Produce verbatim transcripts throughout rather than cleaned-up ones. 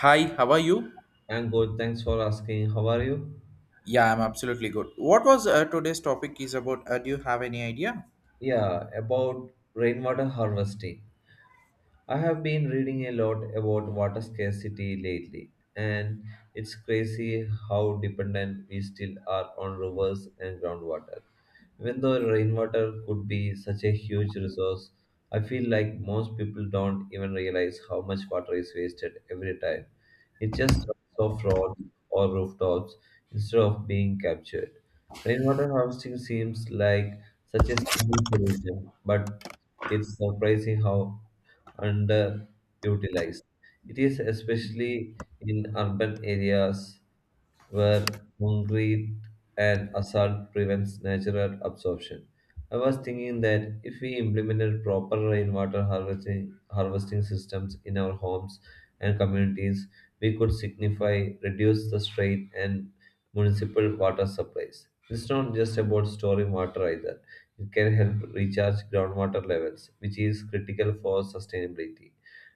Hi, how are you? I'm good. Thanks for asking. How are you? Yeah, I'm absolutely good. What was uh, today's topic is about? Uh, do you have any idea? Yeah, about rainwater harvesting. I have been reading a lot about water scarcity lately, and it's crazy how dependent we still are on rivers and groundwater. Even though rainwater could be such a huge resource, I feel like most people don't even realize how much water is wasted every time. It just runs off roads or rooftops instead of being captured. Rainwater harvesting seems like such a simple solution, but it's surprising how underutilized. It is, especially in urban areas where concrete and asphalt prevents natural absorption. I was thinking that if we implemented proper rainwater harvesting, harvesting systems in our homes and communities, we could signify reduce the strain and municipal water supplies. It's not just about storing water either. It can help recharge groundwater levels, which is critical for sustainability,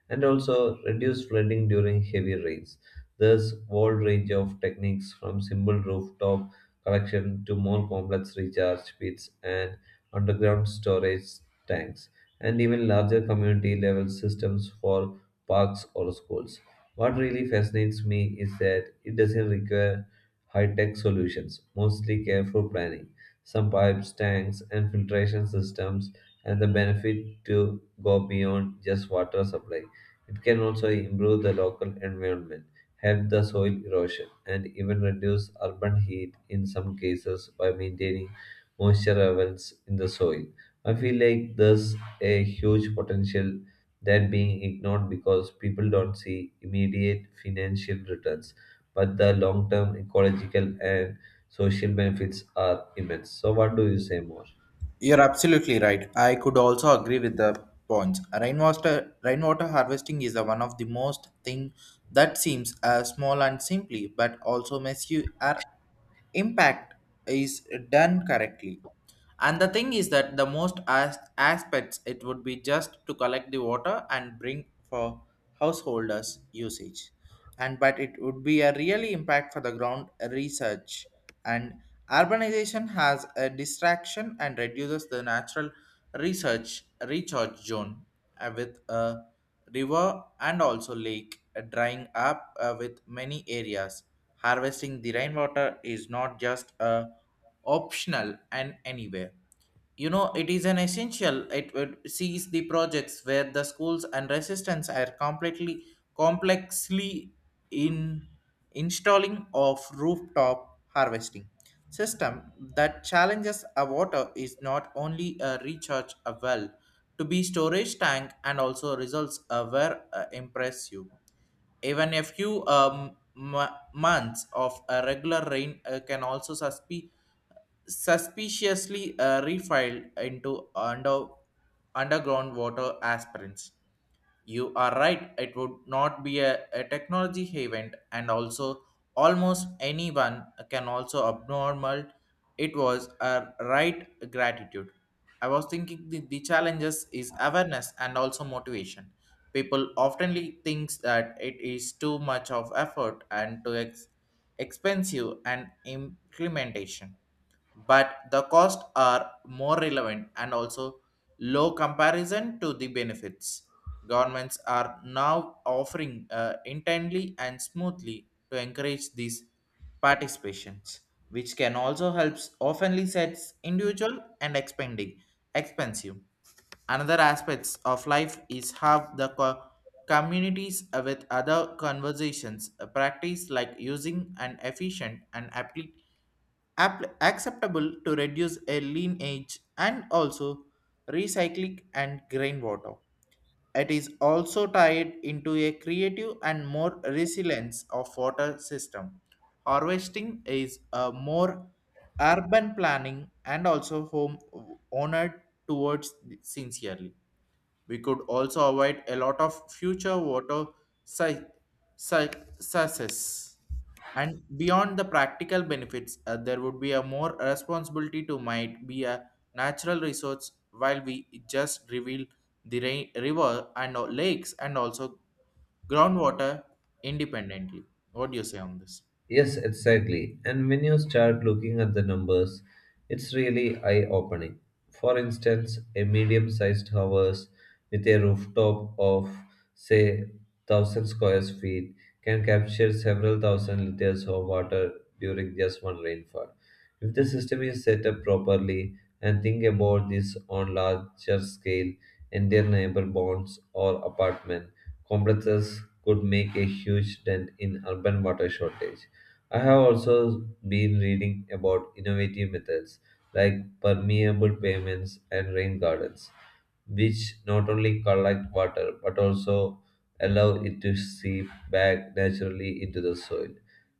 and also reduce flooding during heavy rains. There's wide range of techniques, from simple rooftop collection to more complex recharge pits and underground storage tanks, and even larger community level systems for parks or schools. What really fascinates me is that it doesn't require high tech solutions, mostly careful planning, some pipes, tanks, and filtration systems, and the benefit to go beyond just water supply. It can also improve the local environment, help the soil erosion, and even reduce urban heat in some cases by maintaining moisture levels in the soil. I feel like there's a huge potential that being ignored because people don't see immediate financial returns, but the long-term ecological and social benefits are immense. So what do you say more? You're absolutely right. I could also agree with the points. Rainwater, rainwater harvesting is the one of the most thing that seems uh, small and simply, but also makes you are impact is done correctly. And the thing is that the most as- aspects it would be just to collect the water and bring for householders usage. And but it would be a really impact for the ground research and urbanization has a distraction and reduces the natural research recharge zone uh, with a river and also lake uh, drying up uh, with many areas harvesting the rainwater is not just a optional and anywhere you know it is an essential it, it sees the projects where the schools and resistance are completely complexly in installing of rooftop harvesting system that challenges a water is not only a recharge a well to be storage tank and also results uh, were uh, impressive even a few um, m- months of a regular rain uh, can also suspe- suspiciously uh, refiled into under, underground water aspirins. You are right, it would not be a, a technology event, and also almost anyone can also abnormal. It was a right gratitude. I was thinking the, the challenges is awareness and also motivation. People oftenly thinks that it is too much of effort and too ex- expensive and implementation but the costs are more relevant and also low comparison to the benefits. Governments are now offering uh, intently and smoothly to encourage these participations, which can also help oftenly sets individual and expanding expensive. Another aspects of life is how the co- communities with other conversations uh, practice like using an efficient and applic app- acceptable to reduce a lineage and also recycling and grain water. It is also tied into a creative and more resilience of water system. Harvesting is a more urban planning and also home owner towards sincerely. We could also avoid a lot of future water si- si- success. And beyond the practical benefits, uh, there would be a more responsibility to might be a natural resource while we just reveal the rain, river and uh, lakes and also groundwater independently. What do you say on this? Yes, exactly. And when you start looking at the numbers, it's really eye opening. For instance, a medium sized house with a rooftop of, say, one thousand square feet can capture several thousand liters of water during just one rainfall. If the system is set up properly and think about this on larger scale, entire neighbor bonds or apartment complexes could make a huge dent in urban water shortage. I have also been reading about innovative methods like permeable pavements and rain gardens, which not only collect water but also allow it to seep back naturally into the soil.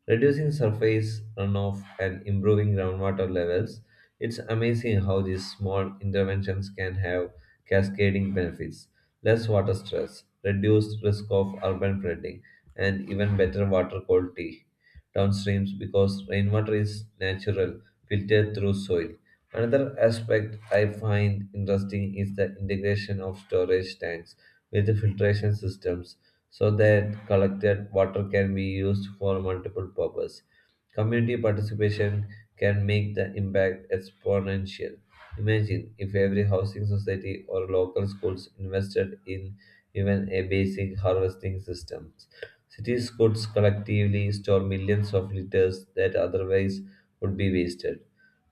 Reducing surface runoff and improving groundwater levels, it's amazing how these small interventions can have cascading benefits. Less water stress, reduced risk of urban flooding, and even better water quality downstreams, because rainwater is natural, filtered through soil. Another aspect I find interesting is the integration of storage tanks with the filtration systems so that collected water can be used for multiple purposes. Community participation can make the impact exponential. Imagine if every housing society or local schools invested in even a basic harvesting system. Cities could collectively store millions of liters that otherwise would be wasted.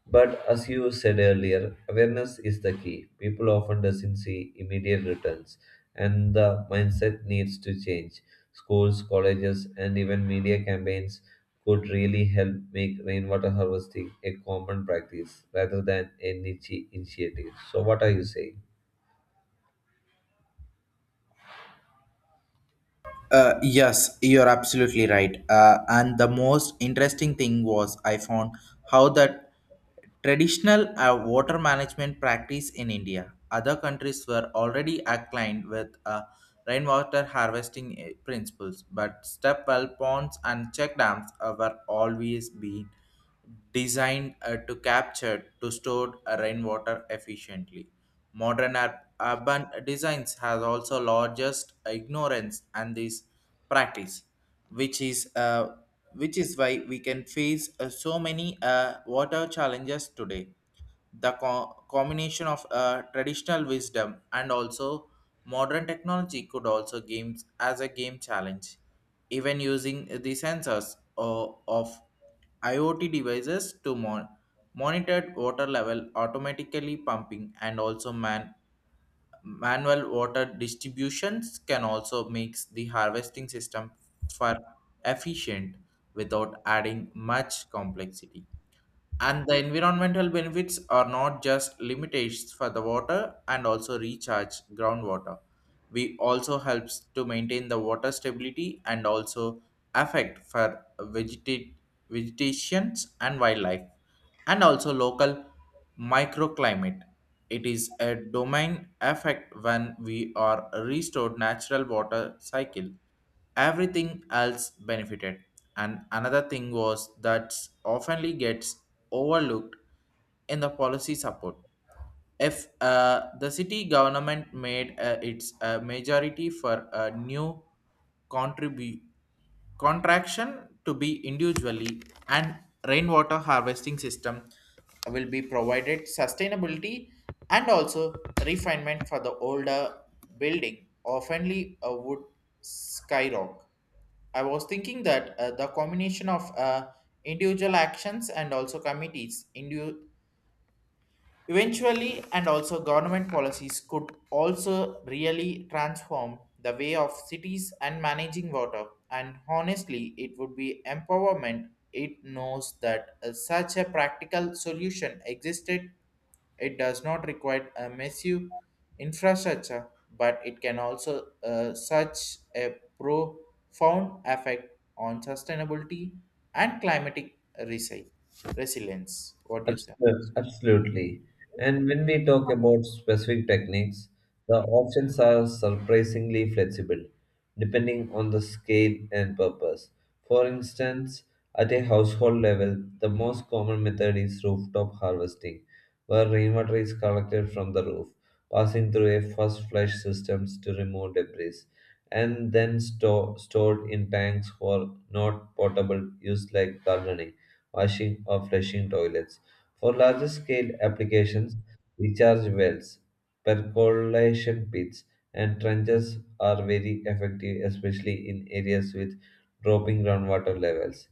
But as you said earlier, awareness is the key. People often doesn't see immediate returns, and the mindset needs to change. Schools, colleges, and even media campaigns could really help make rainwater harvesting a common practice rather than a niche initiative. So, what are you saying? Uh, yes, you're absolutely right. Uh, and the most interesting thing was I found how that traditional uh, water management practice in India, other countries were already aligned with uh, rainwater harvesting uh, principles, but step well ponds and check dams uh, were always been designed uh, to capture to store uh, rainwater efficiently. Modern ur- urban designs has also largest ignorance and this practice, which is uh, which is why we can face uh, so many uh, water challenges today the co- combination of uh, traditional wisdom and also modern technology could also games as a game challenge even using the sensors o- of iot devices to mon- monitor water level automatically pumping and also man- manual water distributions can also makes the harvesting system far efficient without adding much complexity and the environmental benefits are not just limitations for the water and also recharge groundwater. We also helps to maintain the water stability and also affect for vegeta- vegetations and wildlife and also local microclimate. It is a domain effect when we are restored natural water cycle everything else benefited and another thing was that oftenly gets overlooked in the policy support. If uh, the city government made uh, its uh, majority for a new contribu- contraction to be individually and rainwater harvesting system will be provided sustainability and also refinement for the older building oftenly a wood skyrock I was thinking that uh, the combination of uh, individual actions and also committees indu. Eventually, and also government policies could also really transform the way of cities and managing water. And honestly, it would be empowerment. It knows that uh, such a practical solution existed. It does not require a massive infrastructure, but it can also uh, such a profound effect on sustainability and climatic resi- resilience. What do you say? On this? Absol- Absolutely. And when we talk about specific techniques, the options are surprisingly flexible, depending on the scale and purpose. For instance, at a household level, the most common method is rooftop harvesting, where rainwater is collected from the roof, passing through a first flush system to remove debris, and then store, stored in tanks for not portable use like gardening, washing, or flushing toilets. For larger scale applications, recharge wells, percolation pits, and trenches are very effective, especially in areas with dropping groundwater levels.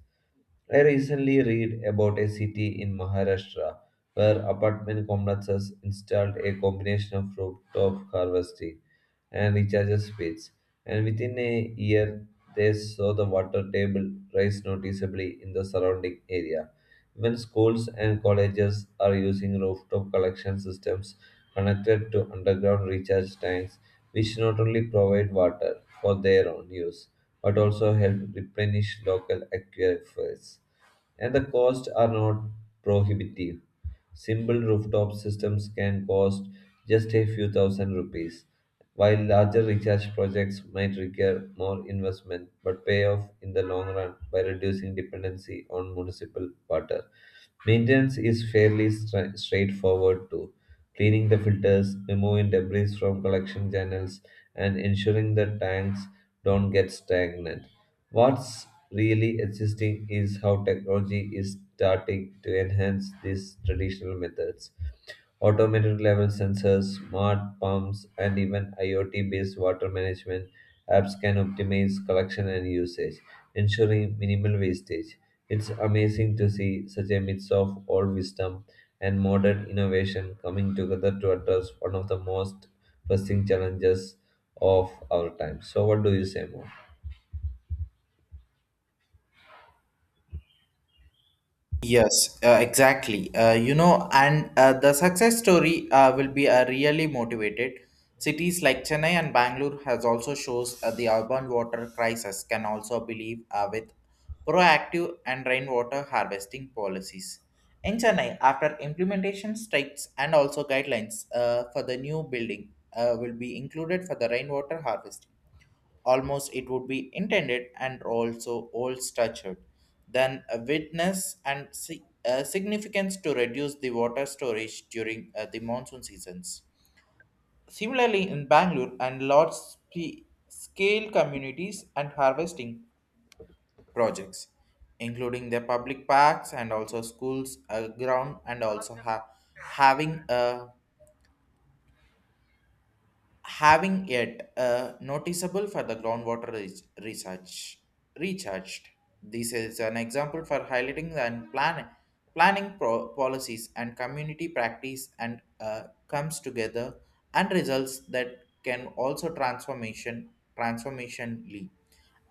I recently read about a city in Maharashtra where apartment complexes installed a combination of rooftop harvesting and recharges pits, and within a year they saw the water table rise noticeably in the surrounding area. Even schools and colleges are using rooftop collection systems connected to underground recharge tanks, which not only provide water for their own use but also help replenish local aquifers. And the costs are not prohibitive. Simple rooftop systems can cost just a few thousand rupees, while larger recharge projects might require more investment but pay off in the long run by reducing dependency on municipal water. Maintenance is fairly stra- straightforward too. Cleaning the filters, removing debris from collection channels, and ensuring the tanks don't get stagnant. What's really interesting is how technology is starting to enhance these traditional methods. Automated level sensors, smart pumps, and even I o T based water management apps can optimize collection and usage, ensuring minimal wastage. It's amazing to see such a mix of old wisdom and modern innovation coming together to address one of the most pressing challenges of our time. So, what do you say more? Yes, uh, exactly. Uh, you know, and uh, the success story uh, will be uh, really motivated. Cities like Chennai and Bangalore has also shows uh, the urban water crisis can also believe uh, with proactive and rainwater harvesting policies. In Chennai, after implementation strikes and also guidelines uh, for the new building uh, will be included for the rainwater harvesting almost it would be intended and also old structured then a witness and si- uh, significance to reduce the water storage during uh, the monsoon seasons similarly in bangalore and large spe- scale communities and harvesting projects including the public parks and also schools uh, ground and also ha- having a having yet uh, noticeable for the groundwater re- research recharged. This is an example for highlighting and plan- planning pro- policies and community practice and uh, comes together and results that can also transformation transformationally.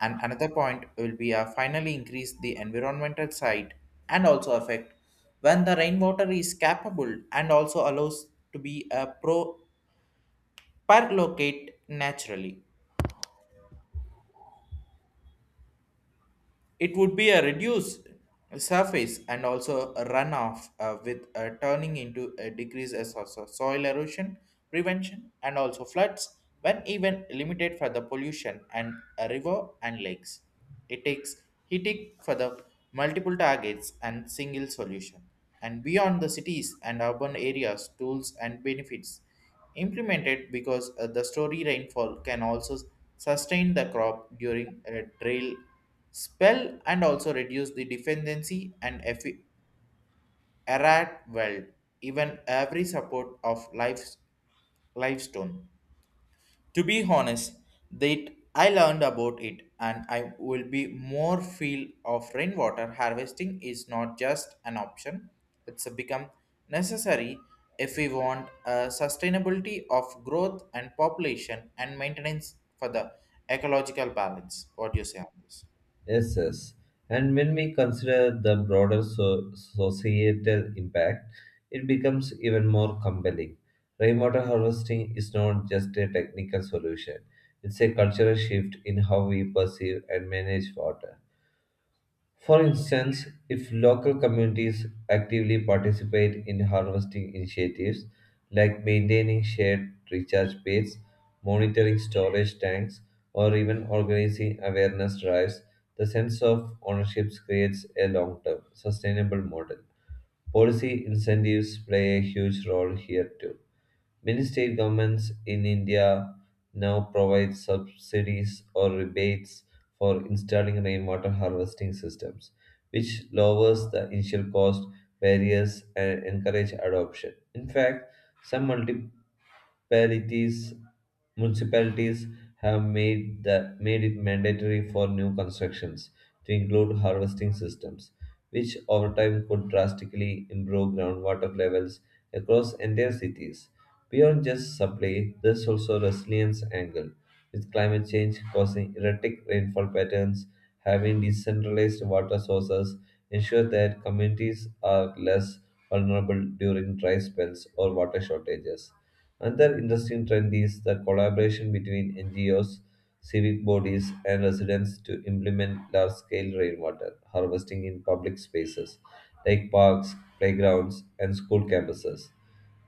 And another point will be uh, finally increase the environmental side and also affect when the rainwater is capable and also allows to be a pro perlocate naturally It would be a reduced surface and also a runoff uh, with uh, turning into a decrease as also soil erosion prevention and also floods when even limited for the pollution and a river and lakes. It takes heating for the multiple targets and single solution. And beyond the cities and urban areas, tools and benefits implemented because uh, the story rainfall can also sustain the crop during a drill spell and also reduce the dependency and effi- errat well even every support of life's lifestone to be honest that I learned about it and I will be more feel of rainwater harvesting is not just an option it's become necessary if we want a sustainability of growth and population and maintenance for the ecological balance what do you say on this Yes, yes. And when we consider the broader so- societal impact, it becomes even more compelling. Rainwater harvesting is not just a technical solution, it's a cultural shift in how we perceive and manage water. For instance, if local communities actively participate in harvesting initiatives like maintaining shared recharge bays, monitoring storage tanks, or even organizing awareness drives, the sense of ownership creates a long term, sustainable model. Policy incentives play a huge role here too. Many state governments in India now provide subsidies or rebates for installing rainwater harvesting systems, which lowers the initial cost barriers and encourage adoption. In fact, some multi municipalities municipalities have made the made it mandatory for new constructions to include harvesting systems, which over time could drastically improve groundwater levels across entire cities. Beyond just supply, there's also resilience angle, with climate change causing erratic rainfall patterns, having decentralized water sources ensure that communities are less vulnerable during dry spells or water shortages. Another interesting trend is the collaboration between N G Os, civic bodies, and residents to implement large scale rainwater harvesting in public spaces like parks, playgrounds, and school campuses.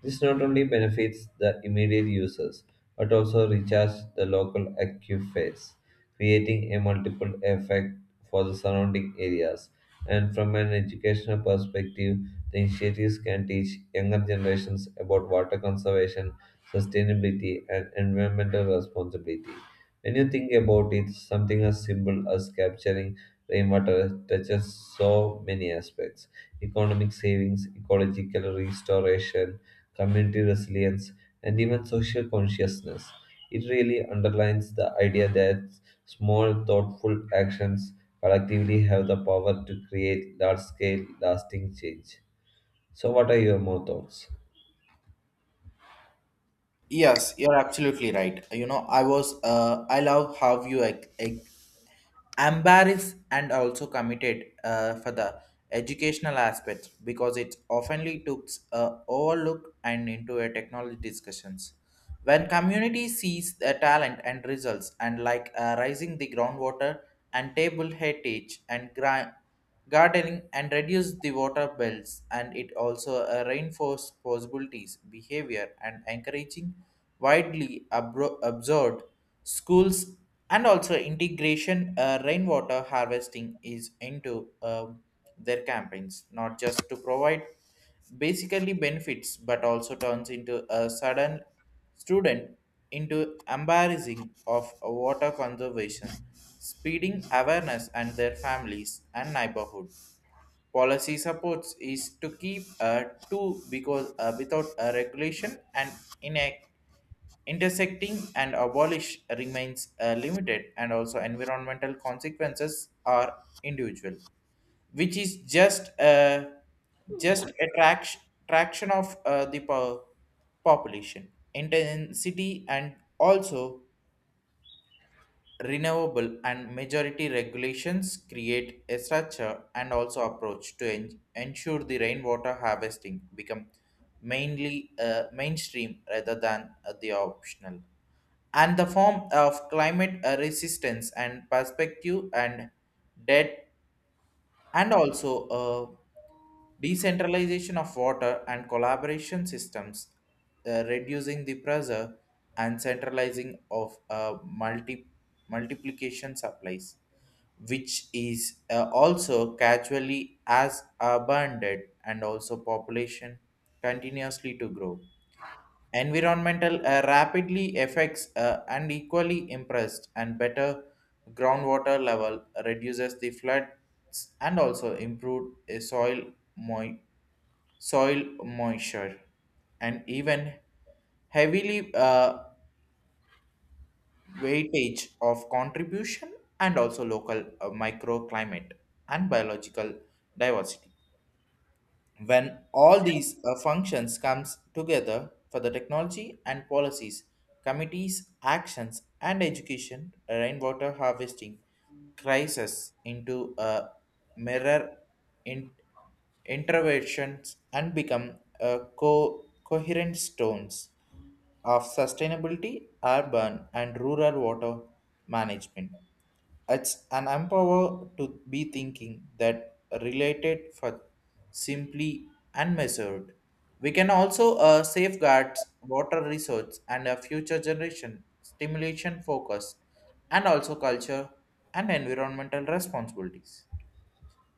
This not only benefits the immediate users but also recharges the local aquifers, creating a multiple effect for the surrounding areas. And from an educational perspective, the initiatives can teach younger generations about water conservation, sustainability, and environmental responsibility. When you think about it, something as simple as capturing rainwater touches so many aspects: economic savings, ecological restoration, community resilience, and even social consciousness. It really underlines the idea that small, thoughtful actions collectively have the power to create large scale, lasting change. So, what are your more thoughts? Yes, you're absolutely right. You know, I was, uh, I love how you like, like, embarrass and also committed uh, for the educational aspect because it oftenly took uh, overlook and into a technology discussions. When community sees the talent and results and like uh, rising the groundwater and table heritage and grind gardening and reduce the water bills and it also uh, reinforce possibilities behavior and encouraging widely abro- absorbed schools and also integration uh, rainwater harvesting is into um, their campaigns not just to provide basically benefits but also turns into a sudden student into embarrassing of water conservation speeding awareness and their families and neighborhood policy supports is to keep a two because uh, without a regulation and inact intersecting and abolish remains uh, limited and also environmental consequences are individual which is just a just attraction traction traction of uh, the po- population intensity and also renewable and majority regulations create a structure and also approach to en- ensure the rainwater harvesting become mainly uh, mainstream rather than uh, the optional and the form of climate uh, resistance and perspective and debt and also uh, Decentralization of water and collaboration systems, uh, reducing the pressure and centralizing of uh, multi- multiplication supplies, which is uh, also casually as abundant and also population continuously to grow. Environmental uh, rapidly affects uh, and equally impressed and better groundwater level reduces the floods and also improved uh, soil moisture soil moisture, and even heavily uh, weightage of contribution and also local uh, microclimate and biological diversity. When all these uh, functions comes together for the technology and policies, committees, actions, and education, rainwater harvesting crisis into a mirror in- interventions and become a co- coherent stones of sustainability, urban and rural water management. It's an empower to be thinking that related for simply and measured. We can also uh, safeguard water resource and a future generation stimulation focused and also culture and environmental responsibilities.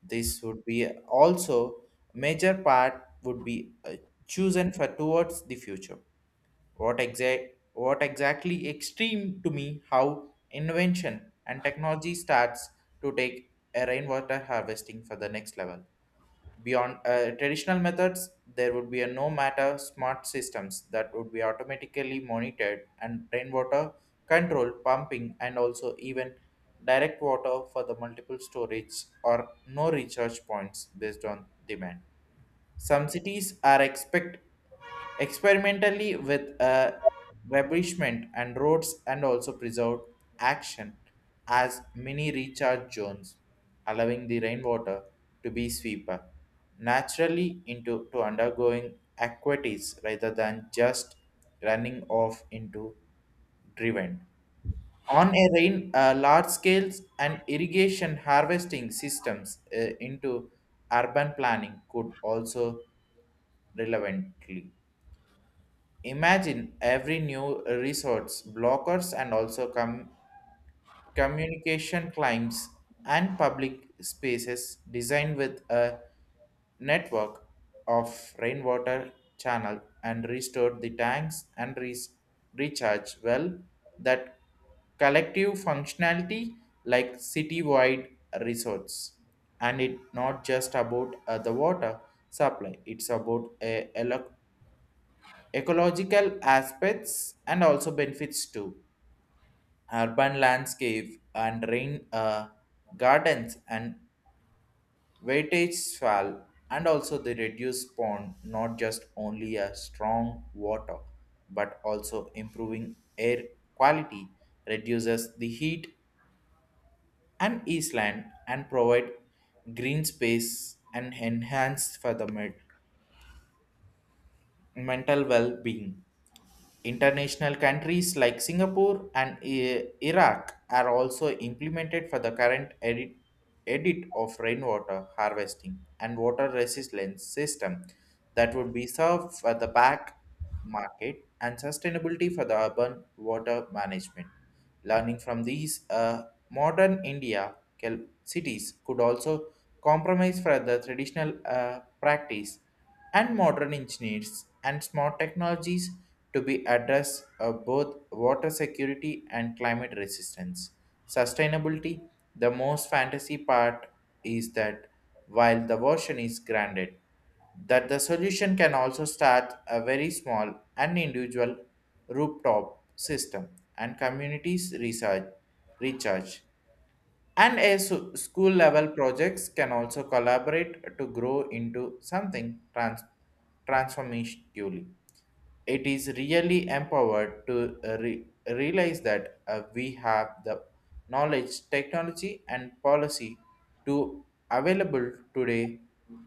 This would be also major part would be uh, chosen for towards the future. What exact what exactly extreme to me how invention and technology starts to take a rainwater harvesting for the next level. Beyond uh, traditional methods, there would be a no matter smart systems that would be automatically monitored and rainwater control pumping and also even direct water for the multiple storage or no recharge points based on demand. Some cities are expect experimentally with a refurbishment and roads and also preserved action as mini recharge zones, allowing the rainwater to be sweeper naturally into to undergoing aquatics rather than just running off into driven. On a rain, uh, large scales and irrigation harvesting systems uh, into urban planning could also relevantly. Imagine every new resource blockers and also com- communication climbs, and public spaces designed with a network of rainwater channel and restore the tanks and re- recharge well that collective functionality like citywide resorts and it not just about uh, the water supply. It's about a elec ecological aspects and also benefits too. Urban landscape and rain uh, gardens and weightage fall and also the reduced pond not just only a strong water but also improving air quality reduces the heat and island and provide green space and enhance for the med- mental well-being. International countries like Singapore and I- Iraq are also implemented for the current edit, edit of rainwater harvesting and water resistance system that would be served for the back market and sustainability for the urban water management. Learning from these uh, modern India cal- cities could also compromise for the traditional uh, practice and modern engineers and smart technologies to be address uh, both water security and climate resistance. Sustainability, the most fantasy part is that while the version is granted, that the solution can also start a very small and individual rooftop system and communities research recharge and a su- school level projects can also collaborate to grow into something trans- transformatively. It is really empowered to uh, re- realize that uh, we have the knowledge, technology, and policy to available today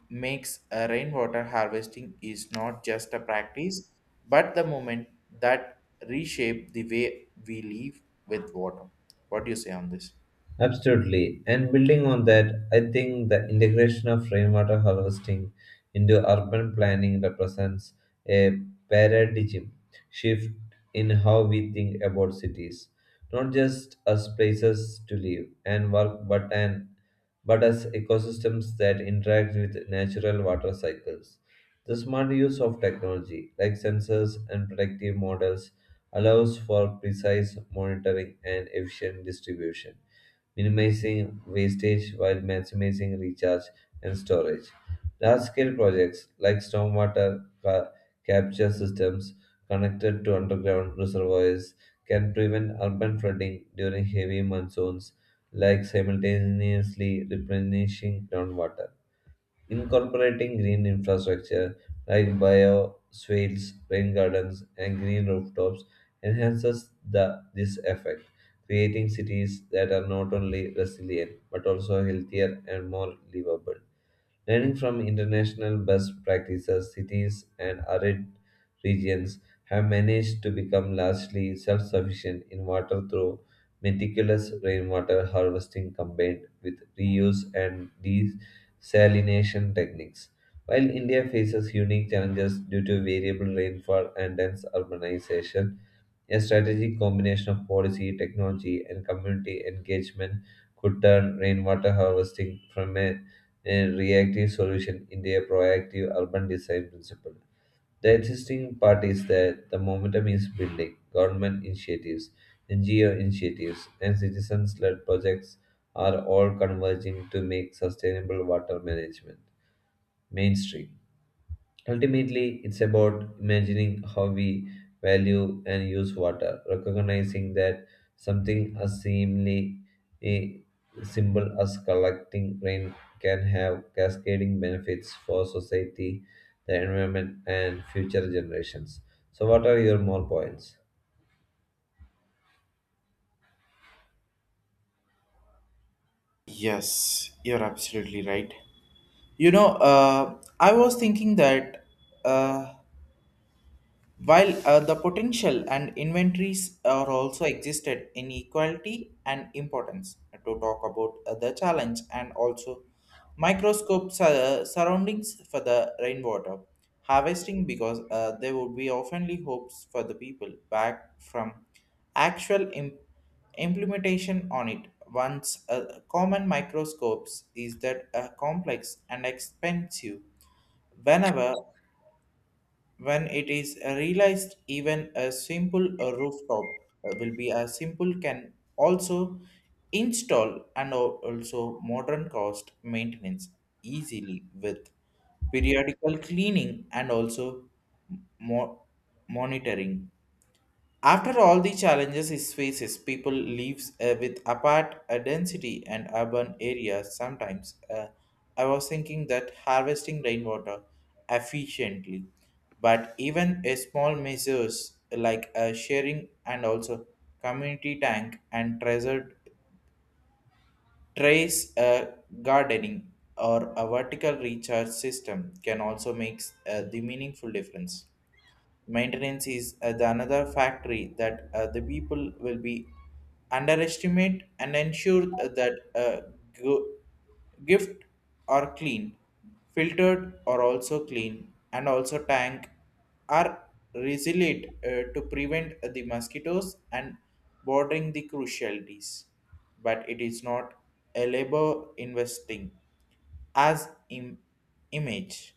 makes uh, rainwater harvesting is not just a practice but the moment that reshape the way we live with water. What do you say on this? Absolutely. And building on that, I think the integration of rainwater harvesting into urban planning represents a paradigm shift in how we think about cities, not just as places to live and work, but an but as ecosystems that interact with natural water cycles. The smart use of technology like sensors and predictive models allows for precise monitoring and efficient distribution, minimizing wastage while maximizing recharge and storage. Large scale projects like stormwater ca- capture systems connected to underground reservoirs can prevent urban flooding during heavy monsoons, like simultaneously replenishing groundwater. Incorporating green infrastructure like bioswales, rain gardens, and green rooftops enhances the, this effect, creating cities that are not only resilient but also healthier and more livable. Learning from international best practices, cities and arid regions have managed to become largely self sufficient in water through meticulous rainwater harvesting combined with reuse and desalination techniques. While India faces unique challenges due to variable rainfall and dense urbanization, a strategic combination of policy, technology, and community engagement could turn rainwater harvesting from a and reactive solution in their proactive urban design principle. The interesting part is that the momentum is building. Government initiatives, N G O initiatives, and citizens led projects are all converging to make sustainable water management mainstream. Ultimately, it's about imagining how we value and use water, recognizing that something as seemingly a simple as collecting rain can have cascading benefits for society, the environment, and future generations. So, what are your more points? Yes, you're absolutely right. You know, uh, I was thinking that uh, while uh, the potential and inventories are also existed in equality and importance, uh, to talk about uh, the challenge and also microscope sur- surroundings for the rainwater harvesting because uh, there would be oftenly hopes for the people back from actual imp- implementation on it. Once uh, common microscopes is that uh, complex and expensive whenever when it is realized even a simple uh, rooftop uh, will be a simple can also install and al- also modern cost maintenance easily with periodical cleaning and also mo- monitoring after all the challenges it faces, people lives uh, with apart uh, density and urban areas. Sometimes uh, I was thinking that harvesting rainwater efficiently, but even a small measures like uh, sharing and also community tank and treasured trace uh, gardening or a vertical recharge system can also make uh, the meaningful difference. Maintenance is uh, the another factory that uh, the people will be underestimate and ensure that uh, go- gift are clean, filtered or also clean, and also tank are resilient uh, to prevent the mosquitoes and bordering the crucialities. But it is not a labor investing as Im- image.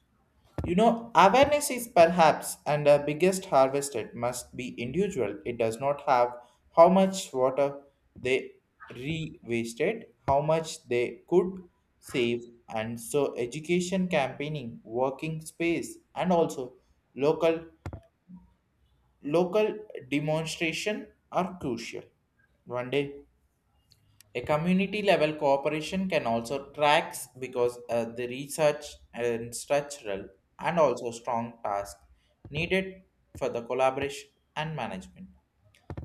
You know, awareness is perhaps and the biggest harvested must be individual. It does not have how much water they re-wasted, how much they could save, and so education campaigning, working space, and also local local demonstration are crucial. One day a community level cooperation can also tracks because uh, the research and structural and also strong task needed for the collaboration and management.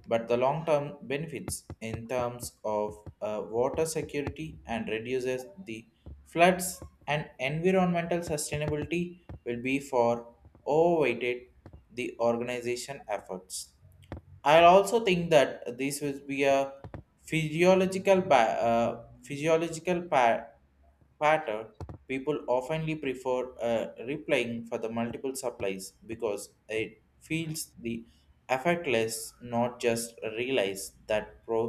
But the long term benefits in terms of uh, water security and reduces the floods and environmental sustainability will be for overweighted the organization efforts. I also think that this would be a physiological ba- uh, physiological pa- pattern. People oftenly prefer uh, replying for the multiple supplies because it feels the effortless, not just realize that pro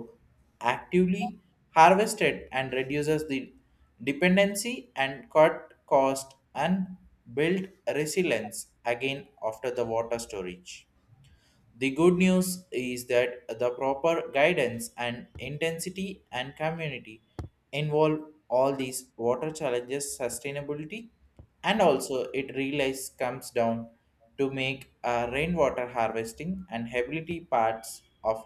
actively harvested and reduces the dependency and cut cost and build resilience again after the water storage. The good news is that the proper guidance and intensity and community involve all these water challenges sustainability and also it realize comes down to make uh, rainwater harvesting and ability parts of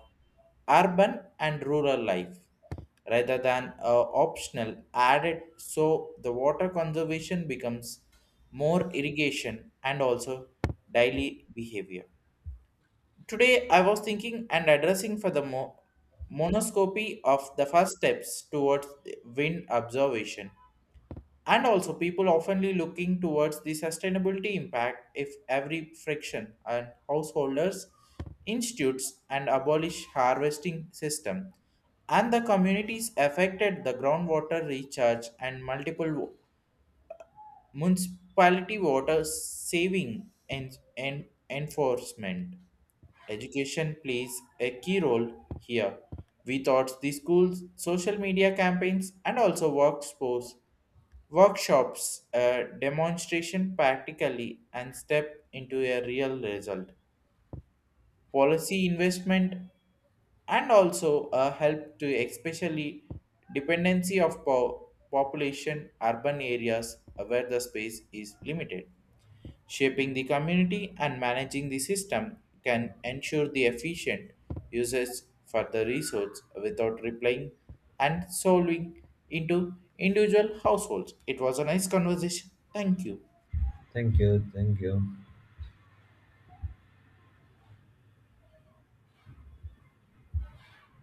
urban and rural life rather than uh, optional added so the water conservation becomes more irrigation and also daily behavior. Today, I was thinking and addressing for the mo- monoscopy of the first steps towards the wind observation. And also, people oftenly looking towards the sustainability impact if every friction and householders, institutes, and abolish harvesting system. And the communities affected the groundwater recharge and multiple municipality water saving and, and enforcement. Education plays a key role here. We thought the schools, social media campaigns, and also workforce workshops, uh, demonstration practically, and step into a real result policy investment and also uh, help to especially dependency of po- population urban areas uh, where the space is limited shaping the community and managing the system can ensure the efficient usage for the resource without replying and solving into individual households. It was a nice conversation. Thank you. Thank you. Thank you.